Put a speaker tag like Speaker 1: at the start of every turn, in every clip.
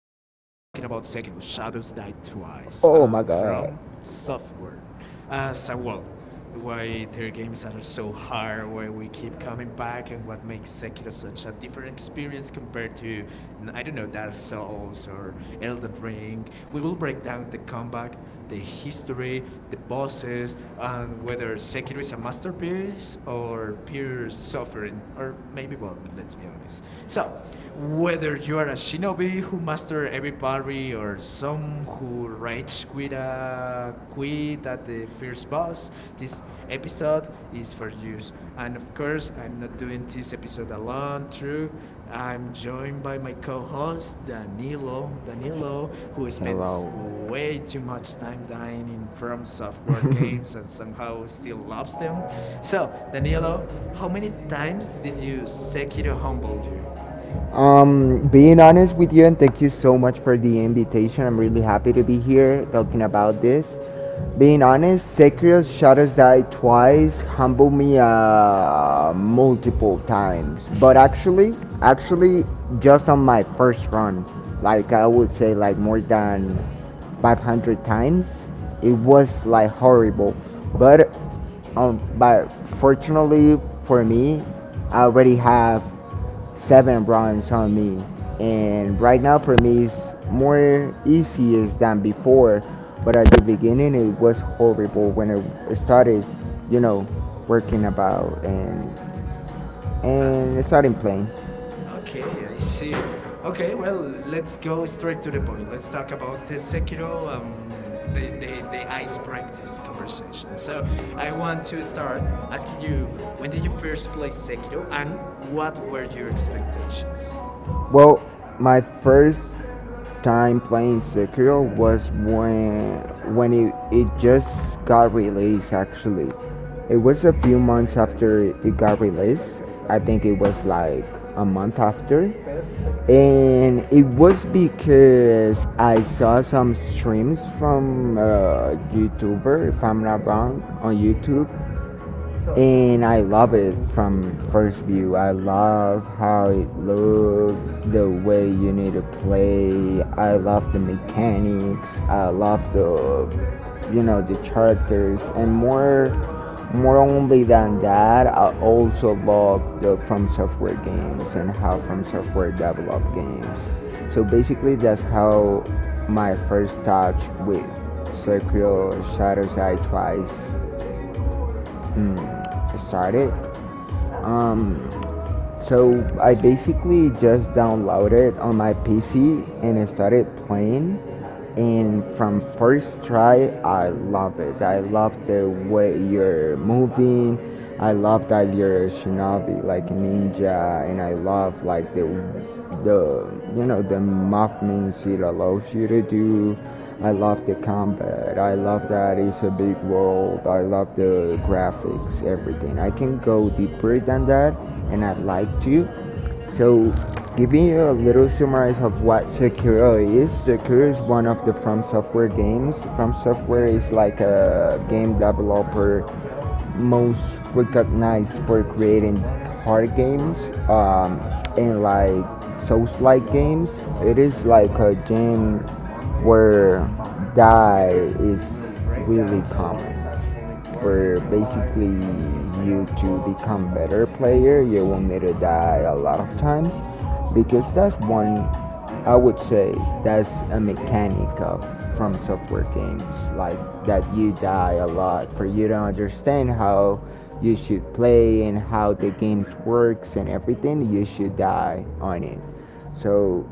Speaker 1: about Sekiro Shadows Die Twice
Speaker 2: My god.
Speaker 1: from Software. As a well, why their games are so hard, why we keep coming back, and what makes Sekiro such a different experience compared to, I don't know, Dark Souls or Elden Ring. We will break down the combat, the history, the bosses, and whether Sekiro is a masterpiece or pure suffering, or maybe both, let's be honest. So, whether you are a shinobi who master every parry or some who rage quit, a quit at the first boss, this episode is for you. And of course, I'm not doing this episode alone, true. I'm joined by my co-host Danilo. Danilo, who spends way too much time dying in firm software games and somehow still loves them. So, Danilo, how many times did you Sekiro humble you?
Speaker 2: Being honest with you, and thank you so much for the invitation. I'm really happy to be here talking about this. Being honest, Sekirio's Shadows Die twice humbled me multiple times, but actually, just on my first run, like I would say, like more than 500 times, it was like horrible. But but fortunately for me, I already have seven bronze on me. And right now for me it's more easy than before. But at the beginning it was horrible when I started, you know, working about and
Speaker 1: That.
Speaker 2: and starting playing.
Speaker 1: Okay, I see. Okay, well, let's go straight to the point. Let's talk about the Sekiro. They ice break this conversation. So, I want to start asking you when did you first play Sekiro and what were your expectations?
Speaker 2: Well, my first time playing Sekiro was when it just got released actually. It was a few months after it got released. I think it was like a month after, and it was because I saw some streams from a YouTuber, if I'm not wrong, on YouTube, and I love it from first view. I love how it looks, the way you need to play. I love the mechanics. I love the, you know, the characters, and more only than that, I also love the From Software games and how From Software develop games. So basically, that's how my first touch with Sekiro Shadows Die Twice started. Um, so I basically just downloaded it on my PC and I started playing. And from first try, I love it. I love the way you're moving. I love that you're a shinobi, like ninja, and I love like the you know the movements it allows you to do. I love the combat. I love that it's a big world. I love the graphics, everything. I can go deeper than that, and I'd like to. So, giving you a little summary of what Sekiro is. Sekiro is one of the From Software games. From Software is like a game developer most recognized for creating hard games um, and like Souls-like games. It is like a game where die is really common. For basically you to become better player, you will need to die a lot of times because that's one I would say that's a mechanic of from software games, like that you die a lot for you to understand how you should play and how the games works and everything. You should die on it. So,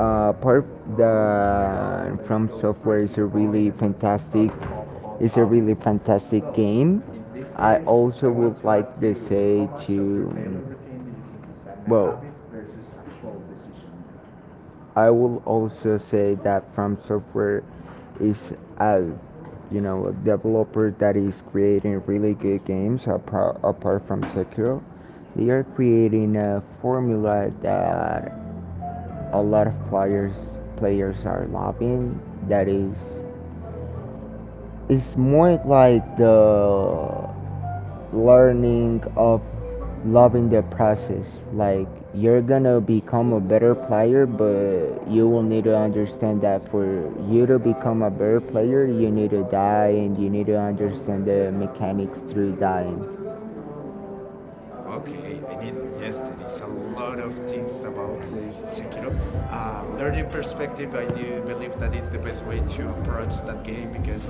Speaker 2: part the from software is a really fantastic. It's a really fantastic game. I also would like to say to well I will also say that from software is a you know a developer that is creating really good games apart from Sekiro. They are creating a formula that a lot of players are loving. That is, it's more like the learning of loving the process. Like you're gonna become a better player, but you will need to understand that for you to become a better player, you need to die and you need to understand the mechanics through dying.
Speaker 1: Okay, I need yes. There is a lot of things about Sekiro. Learning perspective, I do believe that is the best way to approach that game because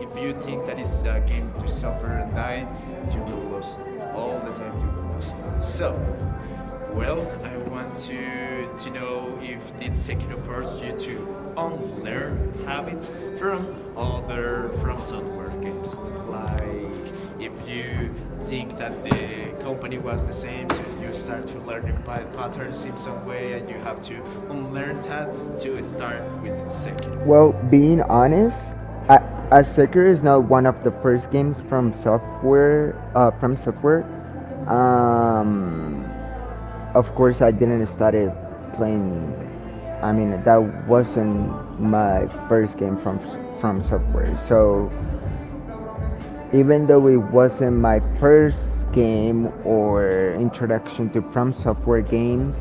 Speaker 1: if you think that is a game to suffer and dying, you will lose all the time. You will lose. So well, I want to know if did Sekiro force you to unlearn habits from other from software games. Like if you think that the company was the same, so you start to learning patterns in some way, and you have to unlearn that to start with Sekiro.
Speaker 2: Well, being honest, I, Astaker is not one of the first games from software from software. Um, of course I didn't start playing. I mean that wasn't my first game from software. So even though it wasn't my first game or introduction to From Software games,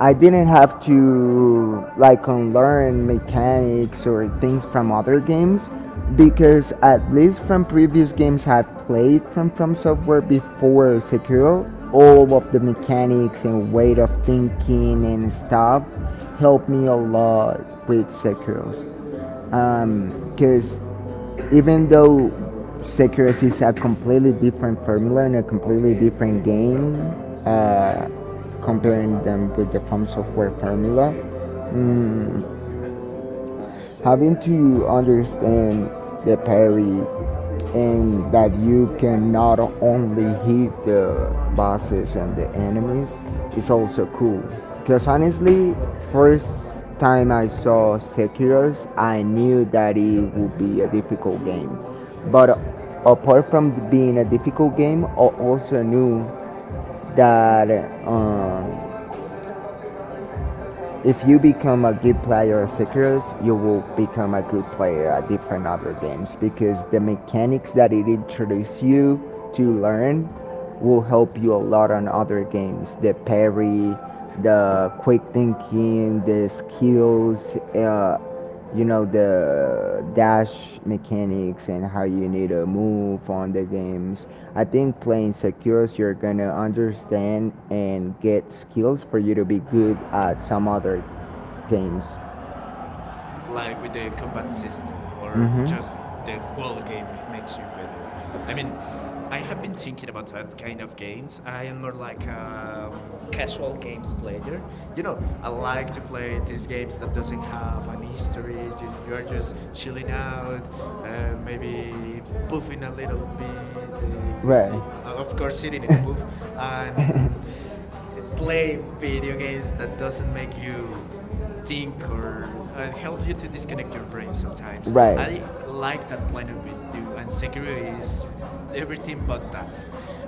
Speaker 2: I didn't have to like unlearn mechanics or things from other games because at least from previous games I've played from Software before Sekiro, all of the mechanics and weight of thinking and stuff helped me a lot with Sekiro's because even though Sekiro is a completely different formula and a completely different game, uh, comparing them with the From Software formula, mm, having to understand the parry and that you can not only hit the bosses and the enemies is also cool. Because honestly, first time I saw Sekiro's, I knew that it would be a difficult game. But apart from being a difficult game, I also knew that. um if you become a good player of Sekiro, you will become a good player at different other games because the mechanics that it introduces you to learn will help you a lot on other games. The parry, the quick thinking, the skills, you know the dash mechanics and how you need to move on the games. I think playing sekiros you're gonna understand and get skills for you to be good at some other games.
Speaker 1: Like with the combat system or
Speaker 2: Mm-hmm.
Speaker 1: just the whole game makes you better. I mean, I have been thinking about that kind of games. I am more like a casual games player. You know, I like to play these games that doesn't have an history. You are just chilling out, maybe puffing a little bit uh, with,
Speaker 2: Right,
Speaker 1: the, uh, of course, sitting in a puff and playing video games that doesn't make you think or help you to disconnect your brain sometimes.
Speaker 2: right.
Speaker 1: I like that line of it too, and Sekiro is r- everything but that.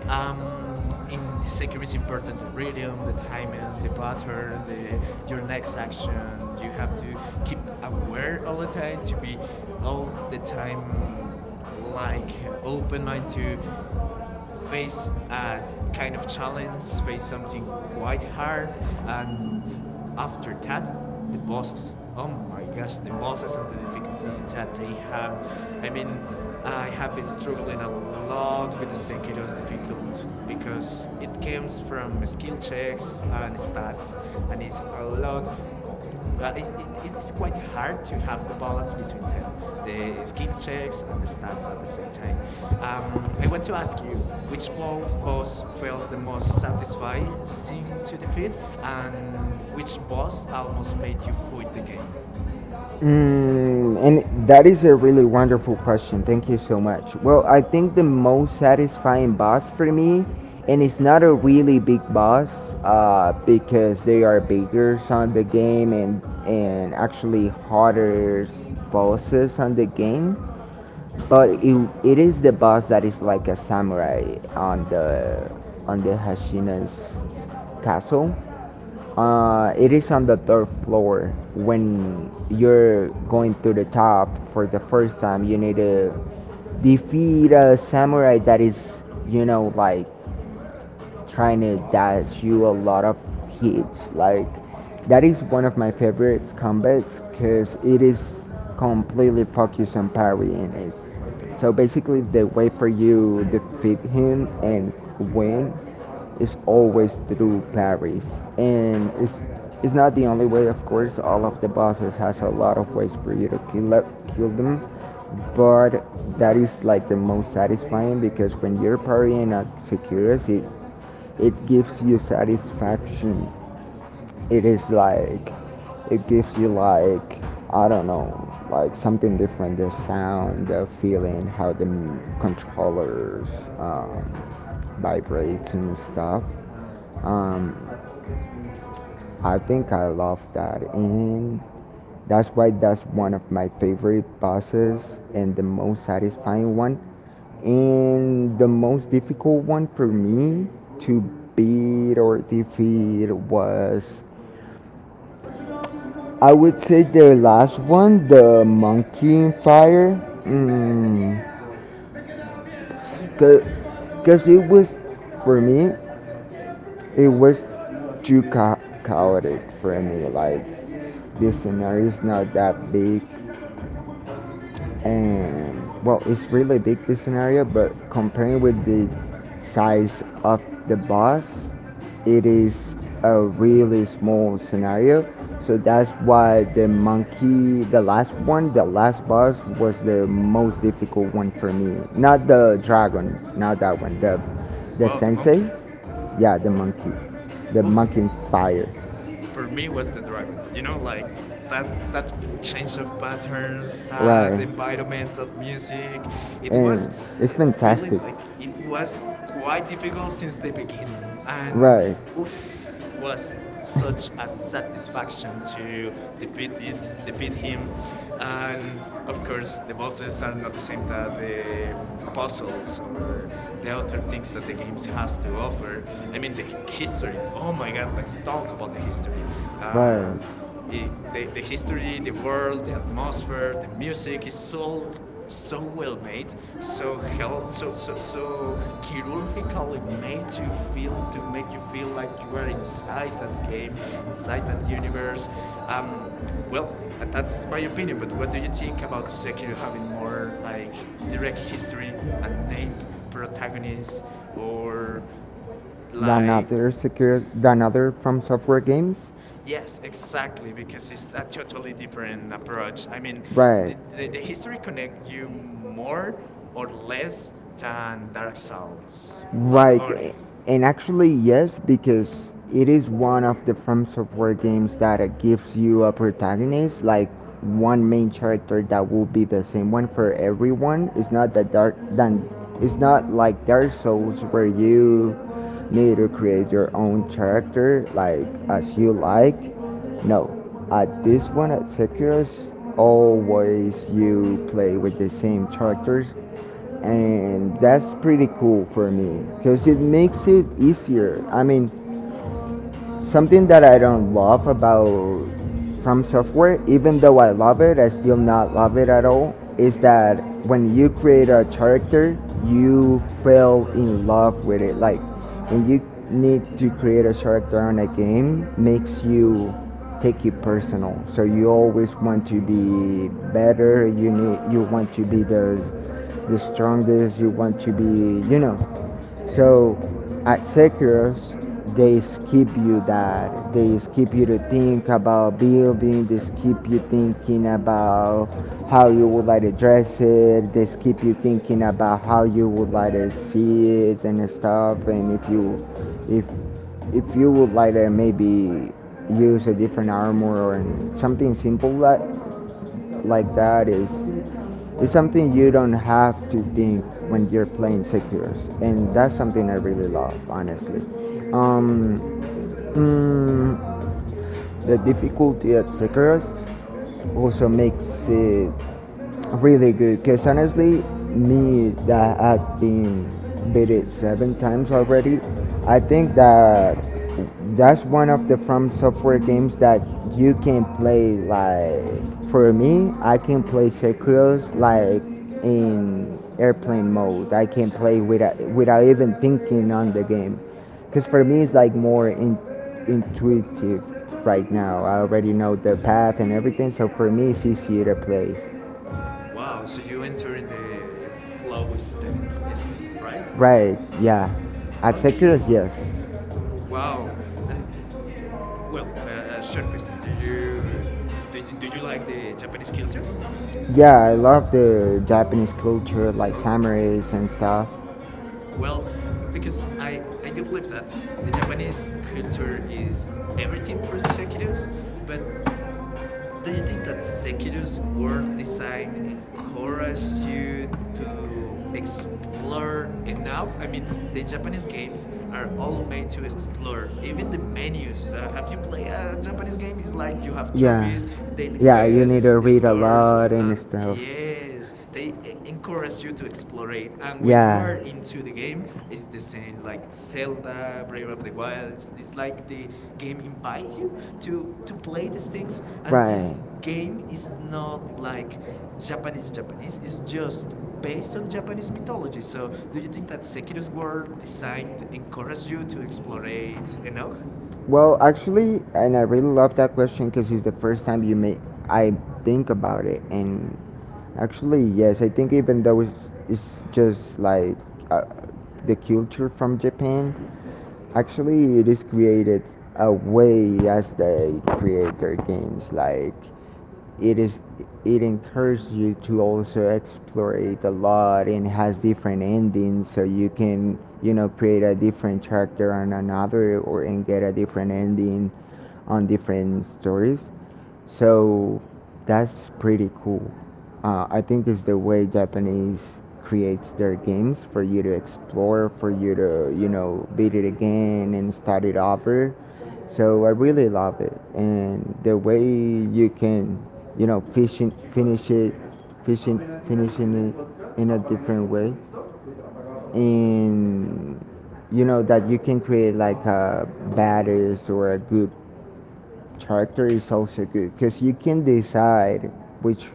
Speaker 1: In Sekiro, it's important the rhythm, the timing, the pattern, the your next action. You have to keep aware all the time to be all the time like open mind to face a kind of challenge, face something quite hard, and after that, the bosses. Oh my gosh, the bosses and the difficulty that they have. I mean, I have been struggling a lot with the Sekiro's difficult because it comes from skill checks and stats, and it's a lot it's quite hard to have the balance between them, the skill checks and the stats at the same time. I want to ask you which ball boss felt the most satisfying to defeat, and which boss almost made you quit the game?
Speaker 2: Mm, and that is a really wonderful question. Thank you so much. Well, I think the most satisfying boss for me, and it's not a really big boss because they are bigger on the game and actually harder bosses on the game. But it is the boss that is like a samurai on the Hashina's castle. It is on the third floor. When you're going to the top for the first time, you need to defeat a samurai that is, you know, like trying to dash you a lot of hits. Like that is one of my favorite combats because it is completely focused on parrying it. So basically, the way for you defeat him and win is always through parries, and it's not the only way, of course. All of the bosses has a lot of ways for you to kill them, but that is like the most satisfying because when you're parrying at Securus, it gives you satisfaction. It is like it gives you like I don't know, like something different. The sound, the feeling, how the controllers um, vibrates and stuff. Um, I think I love that, and that's why that's one of my favorite bosses and the most satisfying one, and the most difficult one for me to beat or defeat was I would say the last one, the monkey in fire, because it was for me it was too chaotic for me, like the scenario is not that big, and well it's really big this scenario but comparing with the size of the bus it is a really small scenario. So that's why the monkey, the last one, the last bus was the most difficult one for me, not the dragon, not that one, the
Speaker 1: Wow, the
Speaker 2: sensei,
Speaker 1: monkey.
Speaker 2: yeah, the monkey, the
Speaker 1: Ooh,
Speaker 2: monkey fire.
Speaker 1: for me was the dragon. You know, like that change of patterns,
Speaker 2: Right,
Speaker 1: that environment, that music. It was
Speaker 2: and it's
Speaker 1: feeling
Speaker 2: fantastic.
Speaker 1: like it was quite difficult since the beginning, and
Speaker 2: Right,
Speaker 1: oof, was such a satisfaction to defeat it, defeat him. And of course the bosses are not the same that the puzzles or the other things that the games has to offer. I mean the history, oh my god, let's talk about the history. uh,
Speaker 2: right,
Speaker 1: the history, the world, the atmosphere, the music is so so well made, so hell so so so chirurgically made to feel, to make you feel like you are inside that game, inside that universe. um well, that's my opinion, but what do you think about Sekiro having more like direct history and named protagonists or
Speaker 2: than
Speaker 1: like?
Speaker 2: other secure than other from software games.
Speaker 1: Yes, exactly, because it's a totally different approach. I mean, the,
Speaker 2: Right,
Speaker 1: right, the history connect you more or less than Dark Souls, right,
Speaker 2: right,
Speaker 1: lore.
Speaker 2: and actually yes, because it is one of the from software games that gives you a protagonist like one main character that will be the same one for everyone. It's not that dark than it's not like dark souls where you need to create your own character like as you like. No, at this one at Sekiro, always you play with the same characters, and that's pretty cool for me because it makes it easier. I mean, something that I don't love about From Software, even though I love it, I still not love it at all, is that when you create a character, you fell in love with it. Like when you need to create a character in a game, makes you take it personal. So you always want to be better. You need you want to be the strongest. You want to be you know so at Sekiros, they skip you that. They skip you to think about building. They skip you thinking about how you would like to dress it. They skip you thinking about how you would like to see it and stuff. And if, if you would like to maybe use a different armor or something simple like that is something you don't have to think when you're playing secures and that's something I really love honestly. um, mm, the difficulty, etc., also makes it really good. Because honestly, me that have been beat it seven times already, I think that that's one of the From Software games that you can play. Like for me, I can play Sekiro like in airplane mode. I can play without even thinking on the game because for me it's like intuitive right now. I already know the path and everything, so for me it's easier to play.
Speaker 1: Wow, so you enter in the flow state, right?
Speaker 2: Right, yeah, at Sekiro,
Speaker 1: Okay.
Speaker 2: yes.
Speaker 1: Wow. And well, short question: do you do you like the Japanese culture?
Speaker 2: Yeah, I love the Japanese culture, like
Speaker 1: Okay.
Speaker 2: samurais and stuff.
Speaker 1: Well, because I do believe that the Japanese culture is everything for Shakiros, but do you think that Sekiro's world design encourages you to explore enough? I mean, the Japanese games are all made to explore. Even the menus. Have you played a Japanese game? It's like you have
Speaker 2: Yeah.
Speaker 1: trophies, daily
Speaker 2: Yeah, you
Speaker 1: quests,
Speaker 2: need to read a
Speaker 1: stars,
Speaker 2: lot and
Speaker 1: and
Speaker 2: stuff.
Speaker 1: yes, they encourage you to explore elaborate. And when you
Speaker 2: Yeah.
Speaker 1: are into the game, it's the same like Zelda, Breath of the Wild. It's like the game invites you to play these things, and this
Speaker 2: Right.
Speaker 1: game is not like. Japanese Japanese is just based on Japanese mythology. So, do you think that Sekiro's world designed encouraged you to explore Enoch?
Speaker 2: Well, actually, and I really love that question because it's the first time you may I think about it, and actually, yes, I think even though it's just like uh, the culture from Japan, actually, it is created a way as they create their games, like it is, it encourages you to also explore it a lot and has different endings, so you can, you know, create a different chapter on another, or and get a different ending on different stories. So that's pretty cool. I think it's the way Japanese creates their games for you to explore, for you to, you know, beat it again and start it over. So I really love it, and the way you can, you know, fishing finish it, fishing finishing it in a different way. And you know that you can create like a baddest or a good character is also good, because you can decide which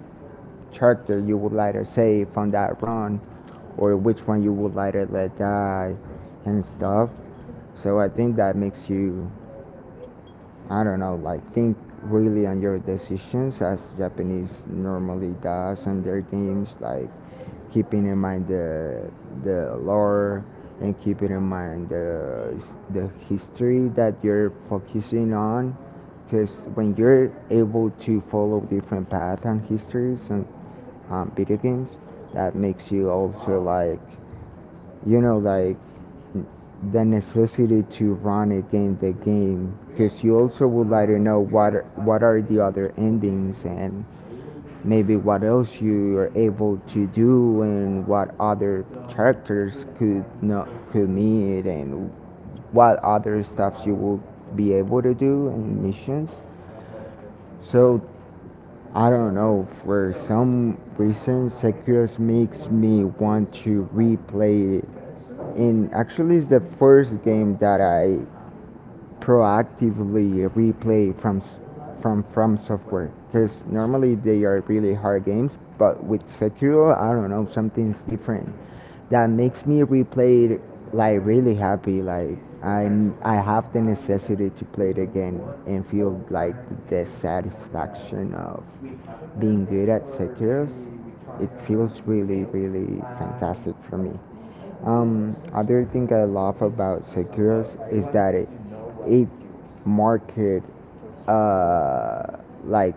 Speaker 2: character you would later save on that run, or which one you would later let die and stuff. So I think that makes you, I don't know, like think really on your decisions, as Japanese normally does on their games, like keeping in mind the lore and keeping in mind the history that you're focusing on. Because when you're able to follow different paths and histories and video games, that makes you also like, you know, like the necessity to run again the game, because you also would like to know what are the other endings and maybe what else you are able to do and what other characters could not could meet and what other stuff you will be able to do and missions. So I don't know, for some reason, Sekiro makes me want to replay it. And actually, it's the first game that I proactively replay From Software, because normally they are really hard games, but with Sekiro I don't know, something's different that makes me replay it, like really happy, like I have the necessity to play it again and feel like the satisfaction of being good at Sekiro. It feels really, really fantastic for me. Other thing I love about Seguros is that it market uh, like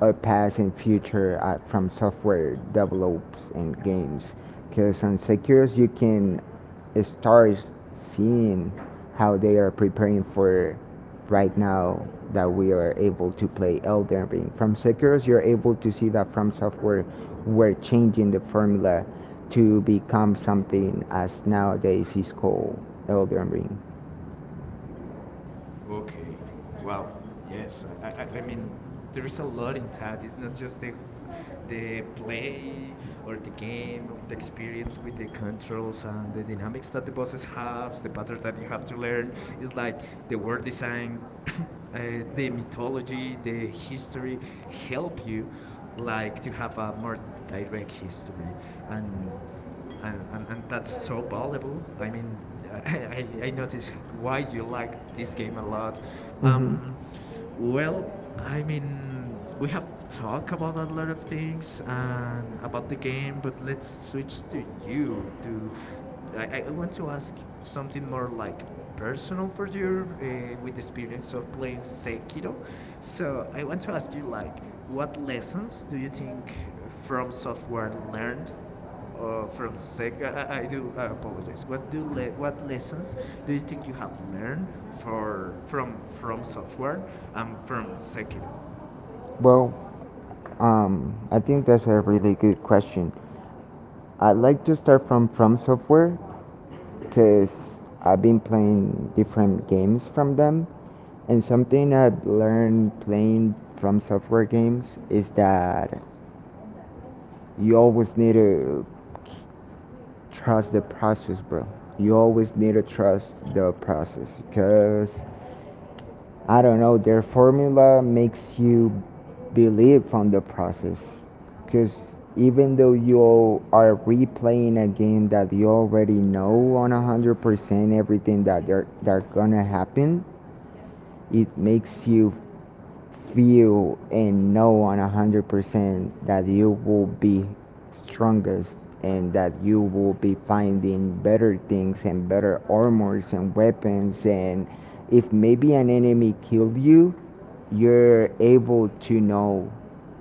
Speaker 2: a past and future From Software develops and games. Because on Seguros you can start seeing how they are preparing for right now, that we are able to play Elden Ring. From Sekiro, you're able to see that From Software were changing the formula to become something as nowadays is called Elden Ring.
Speaker 1: Okay. Wow. Yes. I mean, there is a lot in that. It's not just the play or the game of the experience with the controls and the dynamics that the bosses have, the pattern that you have to learn. It's like the world design, the mythology, the history help you like to have a more direct history and and that's so valuable. I mean, I notice why you like this game a lot.
Speaker 2: Hmm.
Speaker 1: Um, well, I mean, we have talked about a lot of things and about the game, but let's switch to you. To I want to ask something more like personal for you with the experience of playing Sekiro. So I want to ask you like what lessons do you think from software learned from Sek- I do apologize. What what lessons do you think you have learned for from software and from Sekiro?
Speaker 2: Well, I think that's a really good question. I'd like to start from Software because I've been playing different games from them, and something I've learned playing From Software games is that you always need to trust the process, bro. You always need to trust the process because I don't know, their formula makes you believe on the process. Because even though you are replaying a game that you already know on 100%, everything that they're gonna happen, it makes you feel and know 100% that you will be strongest, and that you will be finding better things and better armors and weapons. And if maybe an enemy killed you, you're able to know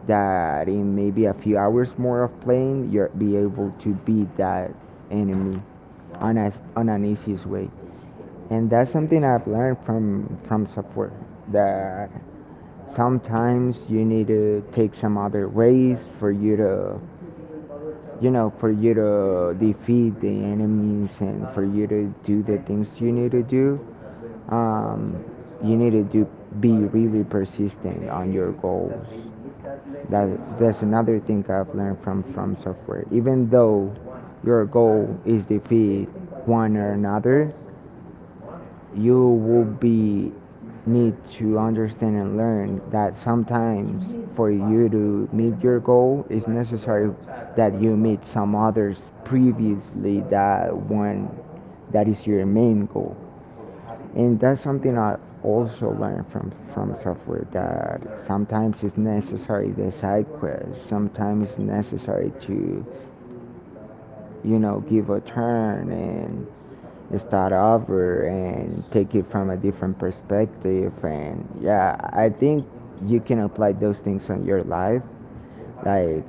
Speaker 2: that in maybe a few hours more of playing you'll be able to beat that enemy on an easiest way. And that's something I've learned From Support, that sometimes you need to take some other ways for you to, you know, for you to defeat the enemies and for you to do the things you need to do. Um, you need to do be really persistent on your goals. That that's another thing I've learned From Software. Even though your goal is defeat one or another, you will be need to understand and learn that sometimes for you to meet your goal it's necessary that you meet some others previously that one that is your main goal. And that's something I also learned From Software, that sometimes it's necessary the side quest, sometimes it's necessary to, you know, give a turn and start over and take it from a different perspective. And yeah, I think you can apply those things on your life. Like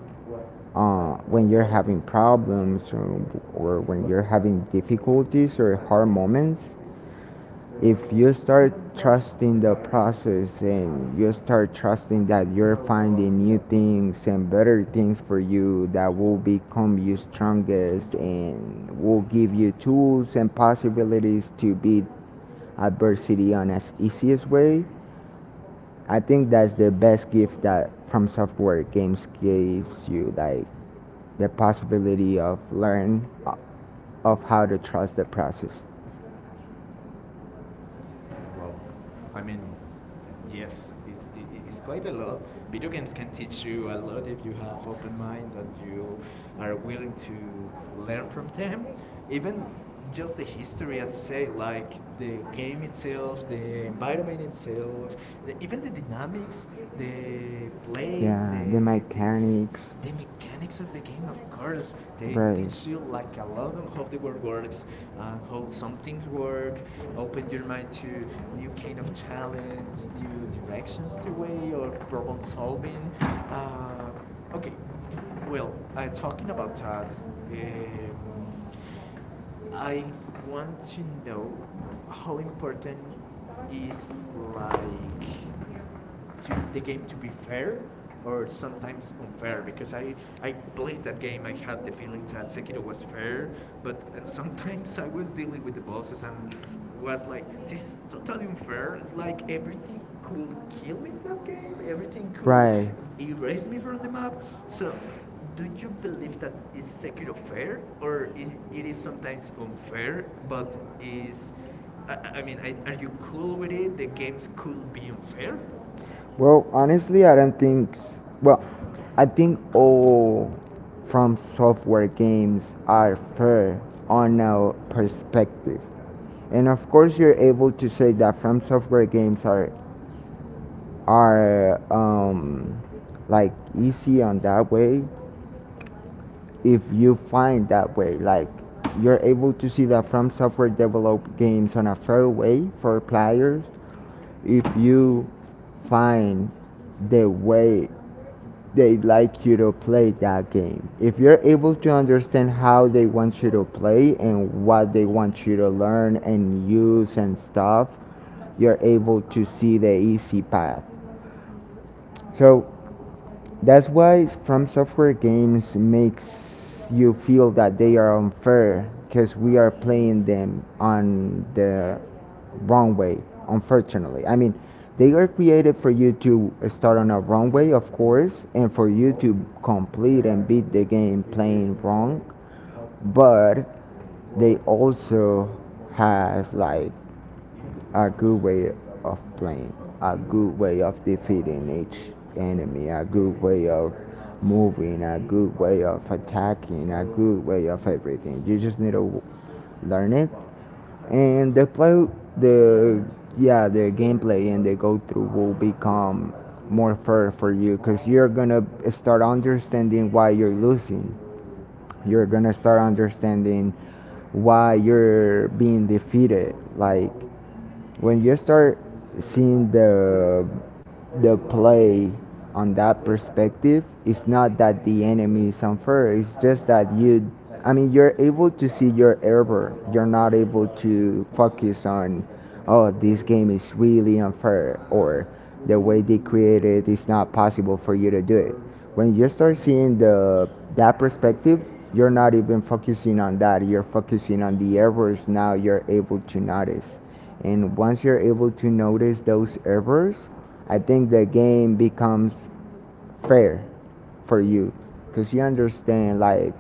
Speaker 2: when you're having problems, or when you're having difficulties or hard moments, if you start trusting the process and you start trusting that you're finding new things and better things for you, that will become you strongest and will give you tools and possibilities to beat adversity on as easiest way. I think that's the best gift that From Software games gives you, like the possibility of learn o- of how to trust the process.
Speaker 1: Wow. I mean, yes, it's quite a lot. Video games can teach you a lot if you have open mind and you are willing to learn from them. Even just the history, as you say, like the game itself, the environment itself, even the dynamics, the play,
Speaker 2: Yeah, the mechanics.
Speaker 1: the mechanics of the game, of course they teach you
Speaker 2: Right.
Speaker 1: like a lot on how the world works and how some things work, open your mind to new kind of challenge, new directions to way of problem solving. uh, okay, well, talking about that, um, I want to know how important is like to the game to be fair or sometimes unfair, because I played that game, I had the feeling that Sekiro was fair, but and sometimes I was dealing with the bosses and was like this is totally unfair, like everything could kill me in that game, everything could
Speaker 2: Right.
Speaker 1: erase me from the map. So do you believe that is Sekiro fair or is it is sometimes unfair but is I mean are you cool with it, the games could be unfair?
Speaker 2: Well, honestly, I don't think. S- Well, I think all From Software games are fair on our perspective, and of course, you're able to say that From Software games are are um, like easy on that way, if you find that way. Like you're able to see that From Software develop games on a fair way for players if you find the way they like you to play that game. If you're able to understand how they want you to play and what they want you to learn and use and stuff, you're able to see the easy path. So that's why From Software games makes you feel that they are unfair, because we are playing them on the wrong way. Unfortunately, I mean, they are created for you to start on a wrong way, of course, and for you to complete and beat the game playing wrong. But they also has like a good way of playing, a good way of defeating each enemy, a good way of moving, a good way of attacking, a good way of everything. You just need to learn it, and the play, the yeah, the gameplay and the go through will become more fair for you, because you're gonna start understanding why you're losing. You're gonna start understanding why you're being defeated. Like when you start seeing the play on that perspective, it's not that the enemy is unfair. It's just that you, I mean, you're able to see your error. You're not able to focus on, oh, this game is really unfair, or the way they created it is not possible for you to do it. When you start seeing the that perspective, you're not even focusing on that. You're focusing on the errors now. You're able to notice, and once you're able to notice those errors, I think the game becomes fair for you, because you understand, like,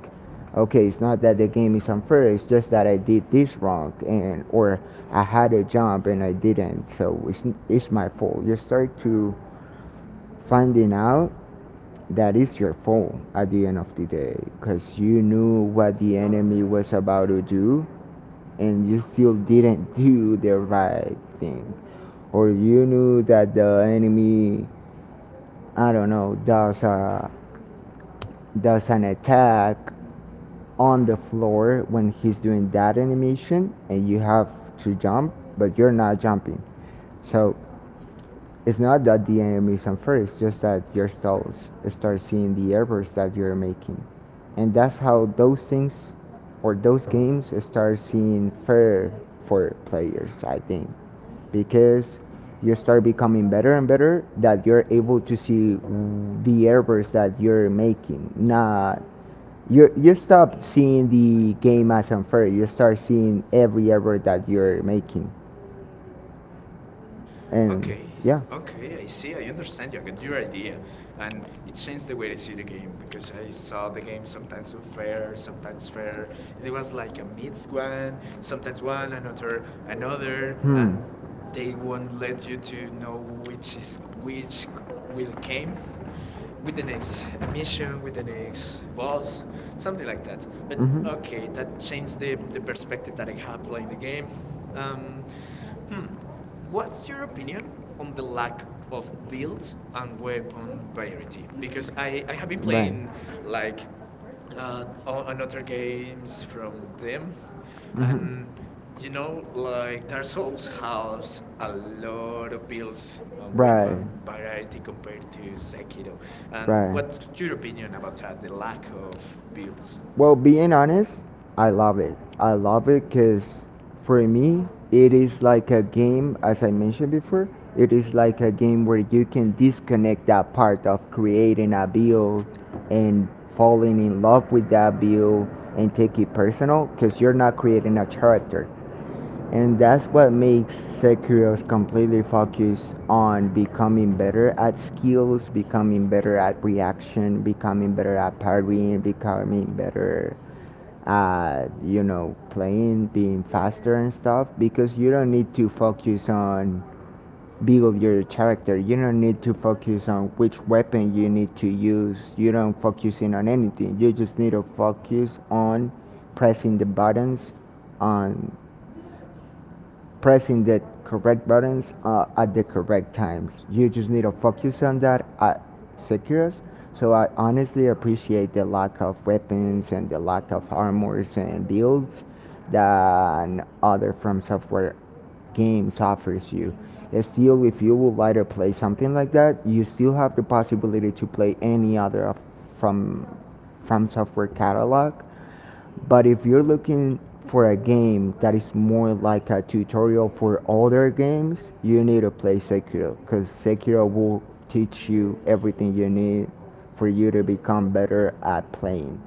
Speaker 2: okay, it's not that the game is unfair, it's just that I did this wrong. And or I had a jump and I didn't. So it's my fault. You start to finding out that it's your fault at the end of the day, because you knew what the enemy was about to do and you still didn't do the right thing. Or you knew that the enemy, I don't know, does an attack on the floor when he's doing that animation, and you have to jump, but you're not jumping. So it's not that the enemy is unfair, it's just that your souls start seeing the errors that you're making. And that's how those things or those games start seeing fair for players, I think. Because you start becoming better and better, that you're able to see the errors that you're making. Not you You stop seeing the game as unfair. You start seeing every error that you're making. And
Speaker 1: Okay,
Speaker 2: yeah.
Speaker 1: okay, I see, I understand you. I get your idea. And it changed the way I see the game because I saw the game sometimes unfair, sometimes fair. It was like a mixed one, sometimes one, another, another,
Speaker 2: Hmm.
Speaker 1: and they won't let you to know which is which, will came with the next emission, with the next boss, something like that. But
Speaker 2: Mhm.
Speaker 1: okay, that changed the perspective that I had playing the game. Um, hmm, what's your opinion on the lack of builds and weapon variety? Because I have been
Speaker 2: Right.
Speaker 1: playing like on other games from them,
Speaker 2: Mhm.
Speaker 1: and you know like Dark Souls has a lot of builds on
Speaker 2: Right.
Speaker 1: weapon variety compared to Sekiro. And
Speaker 2: Right.
Speaker 1: what's your opinion about that? The lack of builds.
Speaker 2: Well, being honest, I love it. I love it because for me, it is like a game, as I mentioned before, it is like a game where you can disconnect that part of creating a build and falling in love with that build and take it personal, because you're not creating a character. And that's what makes Sekiro's completely focused on becoming better at skills, becoming better at reaction, becoming better at parrying, becoming better at, you know, playing, being faster and stuff. Because you don't need to focus on build your character. You don't need to focus on which weapon you need to use. You don't focus in on anything. You just need to focus on pressing the buttons, on pressing the correct buttons at the correct times. You just need to focus on that at Sekiros. So I honestly appreciate the lack of weapons and the lack of armors and builds than other From Software games offers you. Still, if you would like to play something like that, you still have the possibility to play any other of from from Software catalog. But if you're looking for a game that is more like a tutorial for other games, you need to play Sekiro, because Sekiro will teach you everything you need for you to become better at playing.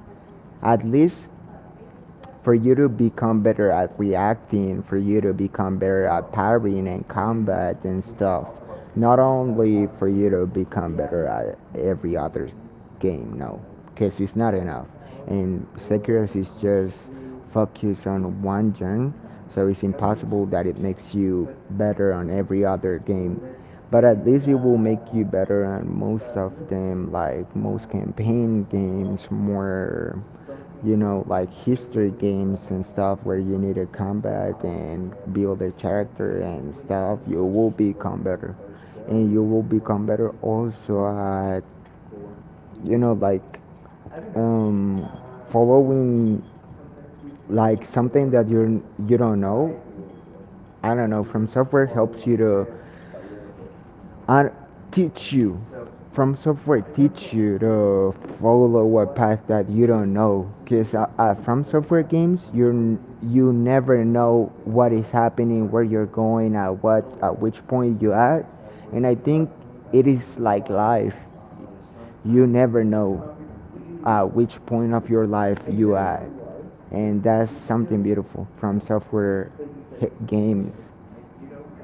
Speaker 2: At least for you to become better at reacting, for you to become better at parrying and combat and stuff. Not only for you to become better at every other game, no, because it's not enough. And Sekiro is just focused on one genre, so it's impossible that it makes you better on every other game. But at least it will make you better on most of them, like most campaign games, more, you know, like history games and stuff where you need to combat and build a character and stuff, you will become better. And you will become better also at, you know, like um, following like something that you're, you don't know. I don't know. From Software helps you to and teach you, From Software teach you to follow a path that you don't know, because From Software games you you never know what is happening, where you're going at, what, at which point you at. And I think it is like life. You never know at which point of your life you at. And that's something beautiful. From Software games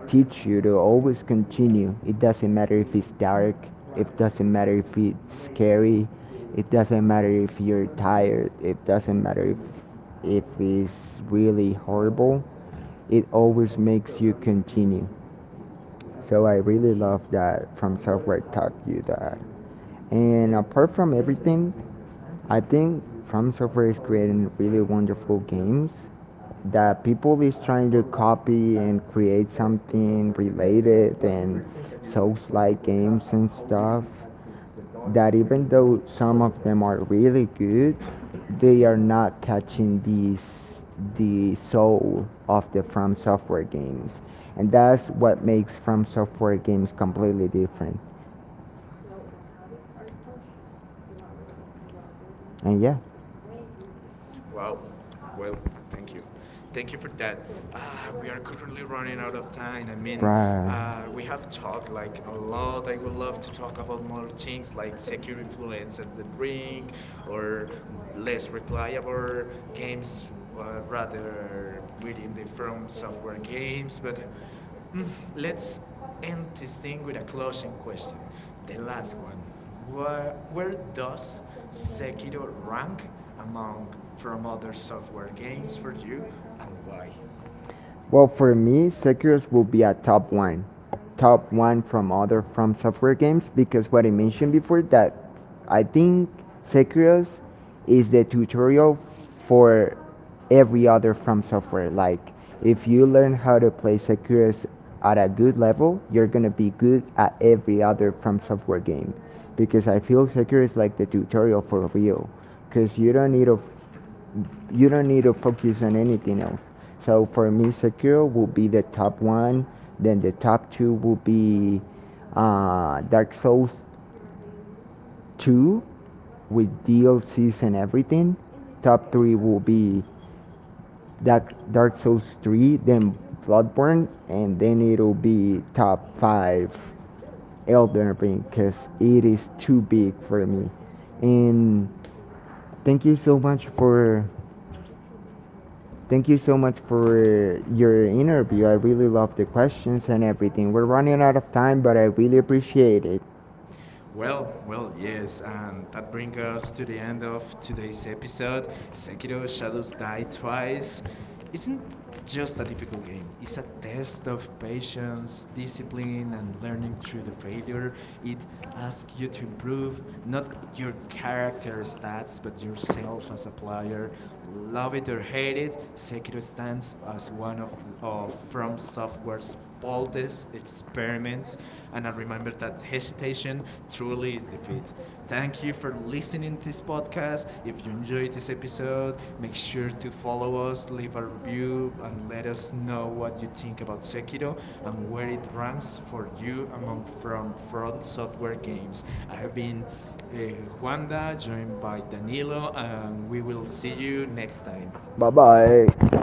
Speaker 2: teach you to always continue. It doesn't matter if it's dark, it doesn't matter if it's scary, it doesn't matter if you're tired, it doesn't matter if it's really horrible. It always makes you continue. So I really love that From Software taught you that. And apart from everything, I think From Software is creating really wonderful games that people is trying to copy and create something related and souls like games and stuff, that even though some of them are really good, they are not catching the soul of the From Software games. And that's what makes From Software games completely different. And yeah.
Speaker 1: Wow. Well, thank you. Thank you for that. Uh, we are currently running out of time. I mean,
Speaker 2: Bruh.
Speaker 1: we have talked like a lot. I would love to talk about more things like secure influencer, the ring or less replayable games rather within the From Software games. But mm, let's end this thing with a closing question. The last one. Where does Sekiro rank among from other software games for you and why?
Speaker 2: Well, for me, Sekiro will be a top one from other From Software games, because what I mentioned before, that I think Sekiro is the tutorial for every other From Software. Like if you learn how to play Sekiro at a good level, you're gonna be good at every other From Software game, because I feel Sekiro is like the tutorial for real, because you don't need a, you don't need to focus on anything else. So for me, Sekiro will be the top one. Then the top two will be Dark Souls 2 with DLCs and everything. Top three will be Dark Souls 3, then Bloodborne, and then it'll be top five Elden Ring, because it is too big for me. And thank you so much for, thank you so much for your interview. I really love the questions and everything. We're running out of time, but I really appreciate it.
Speaker 1: Well, well, yes, and that brings us to the end of today's episode. Sekiro Shadows Die Twice isn't just a difficult game, it's a test of patience, discipline, and learning through the failure. It asks you to improve, not your character stats, but yourself as a player. Love it or hate it, Sekiro stands as one of From Software's boldest experiments, and I remember that hesitation truly is defeat. Thank you for listening to this podcast. If you enjoyed this episode, make sure to follow us, leave a review, and let us know what you think about Sekiro and where it ranks for you among from Front Software games. I have been uh, Juanda, joined by Danilo, and we will see you next time.
Speaker 2: Bye bye.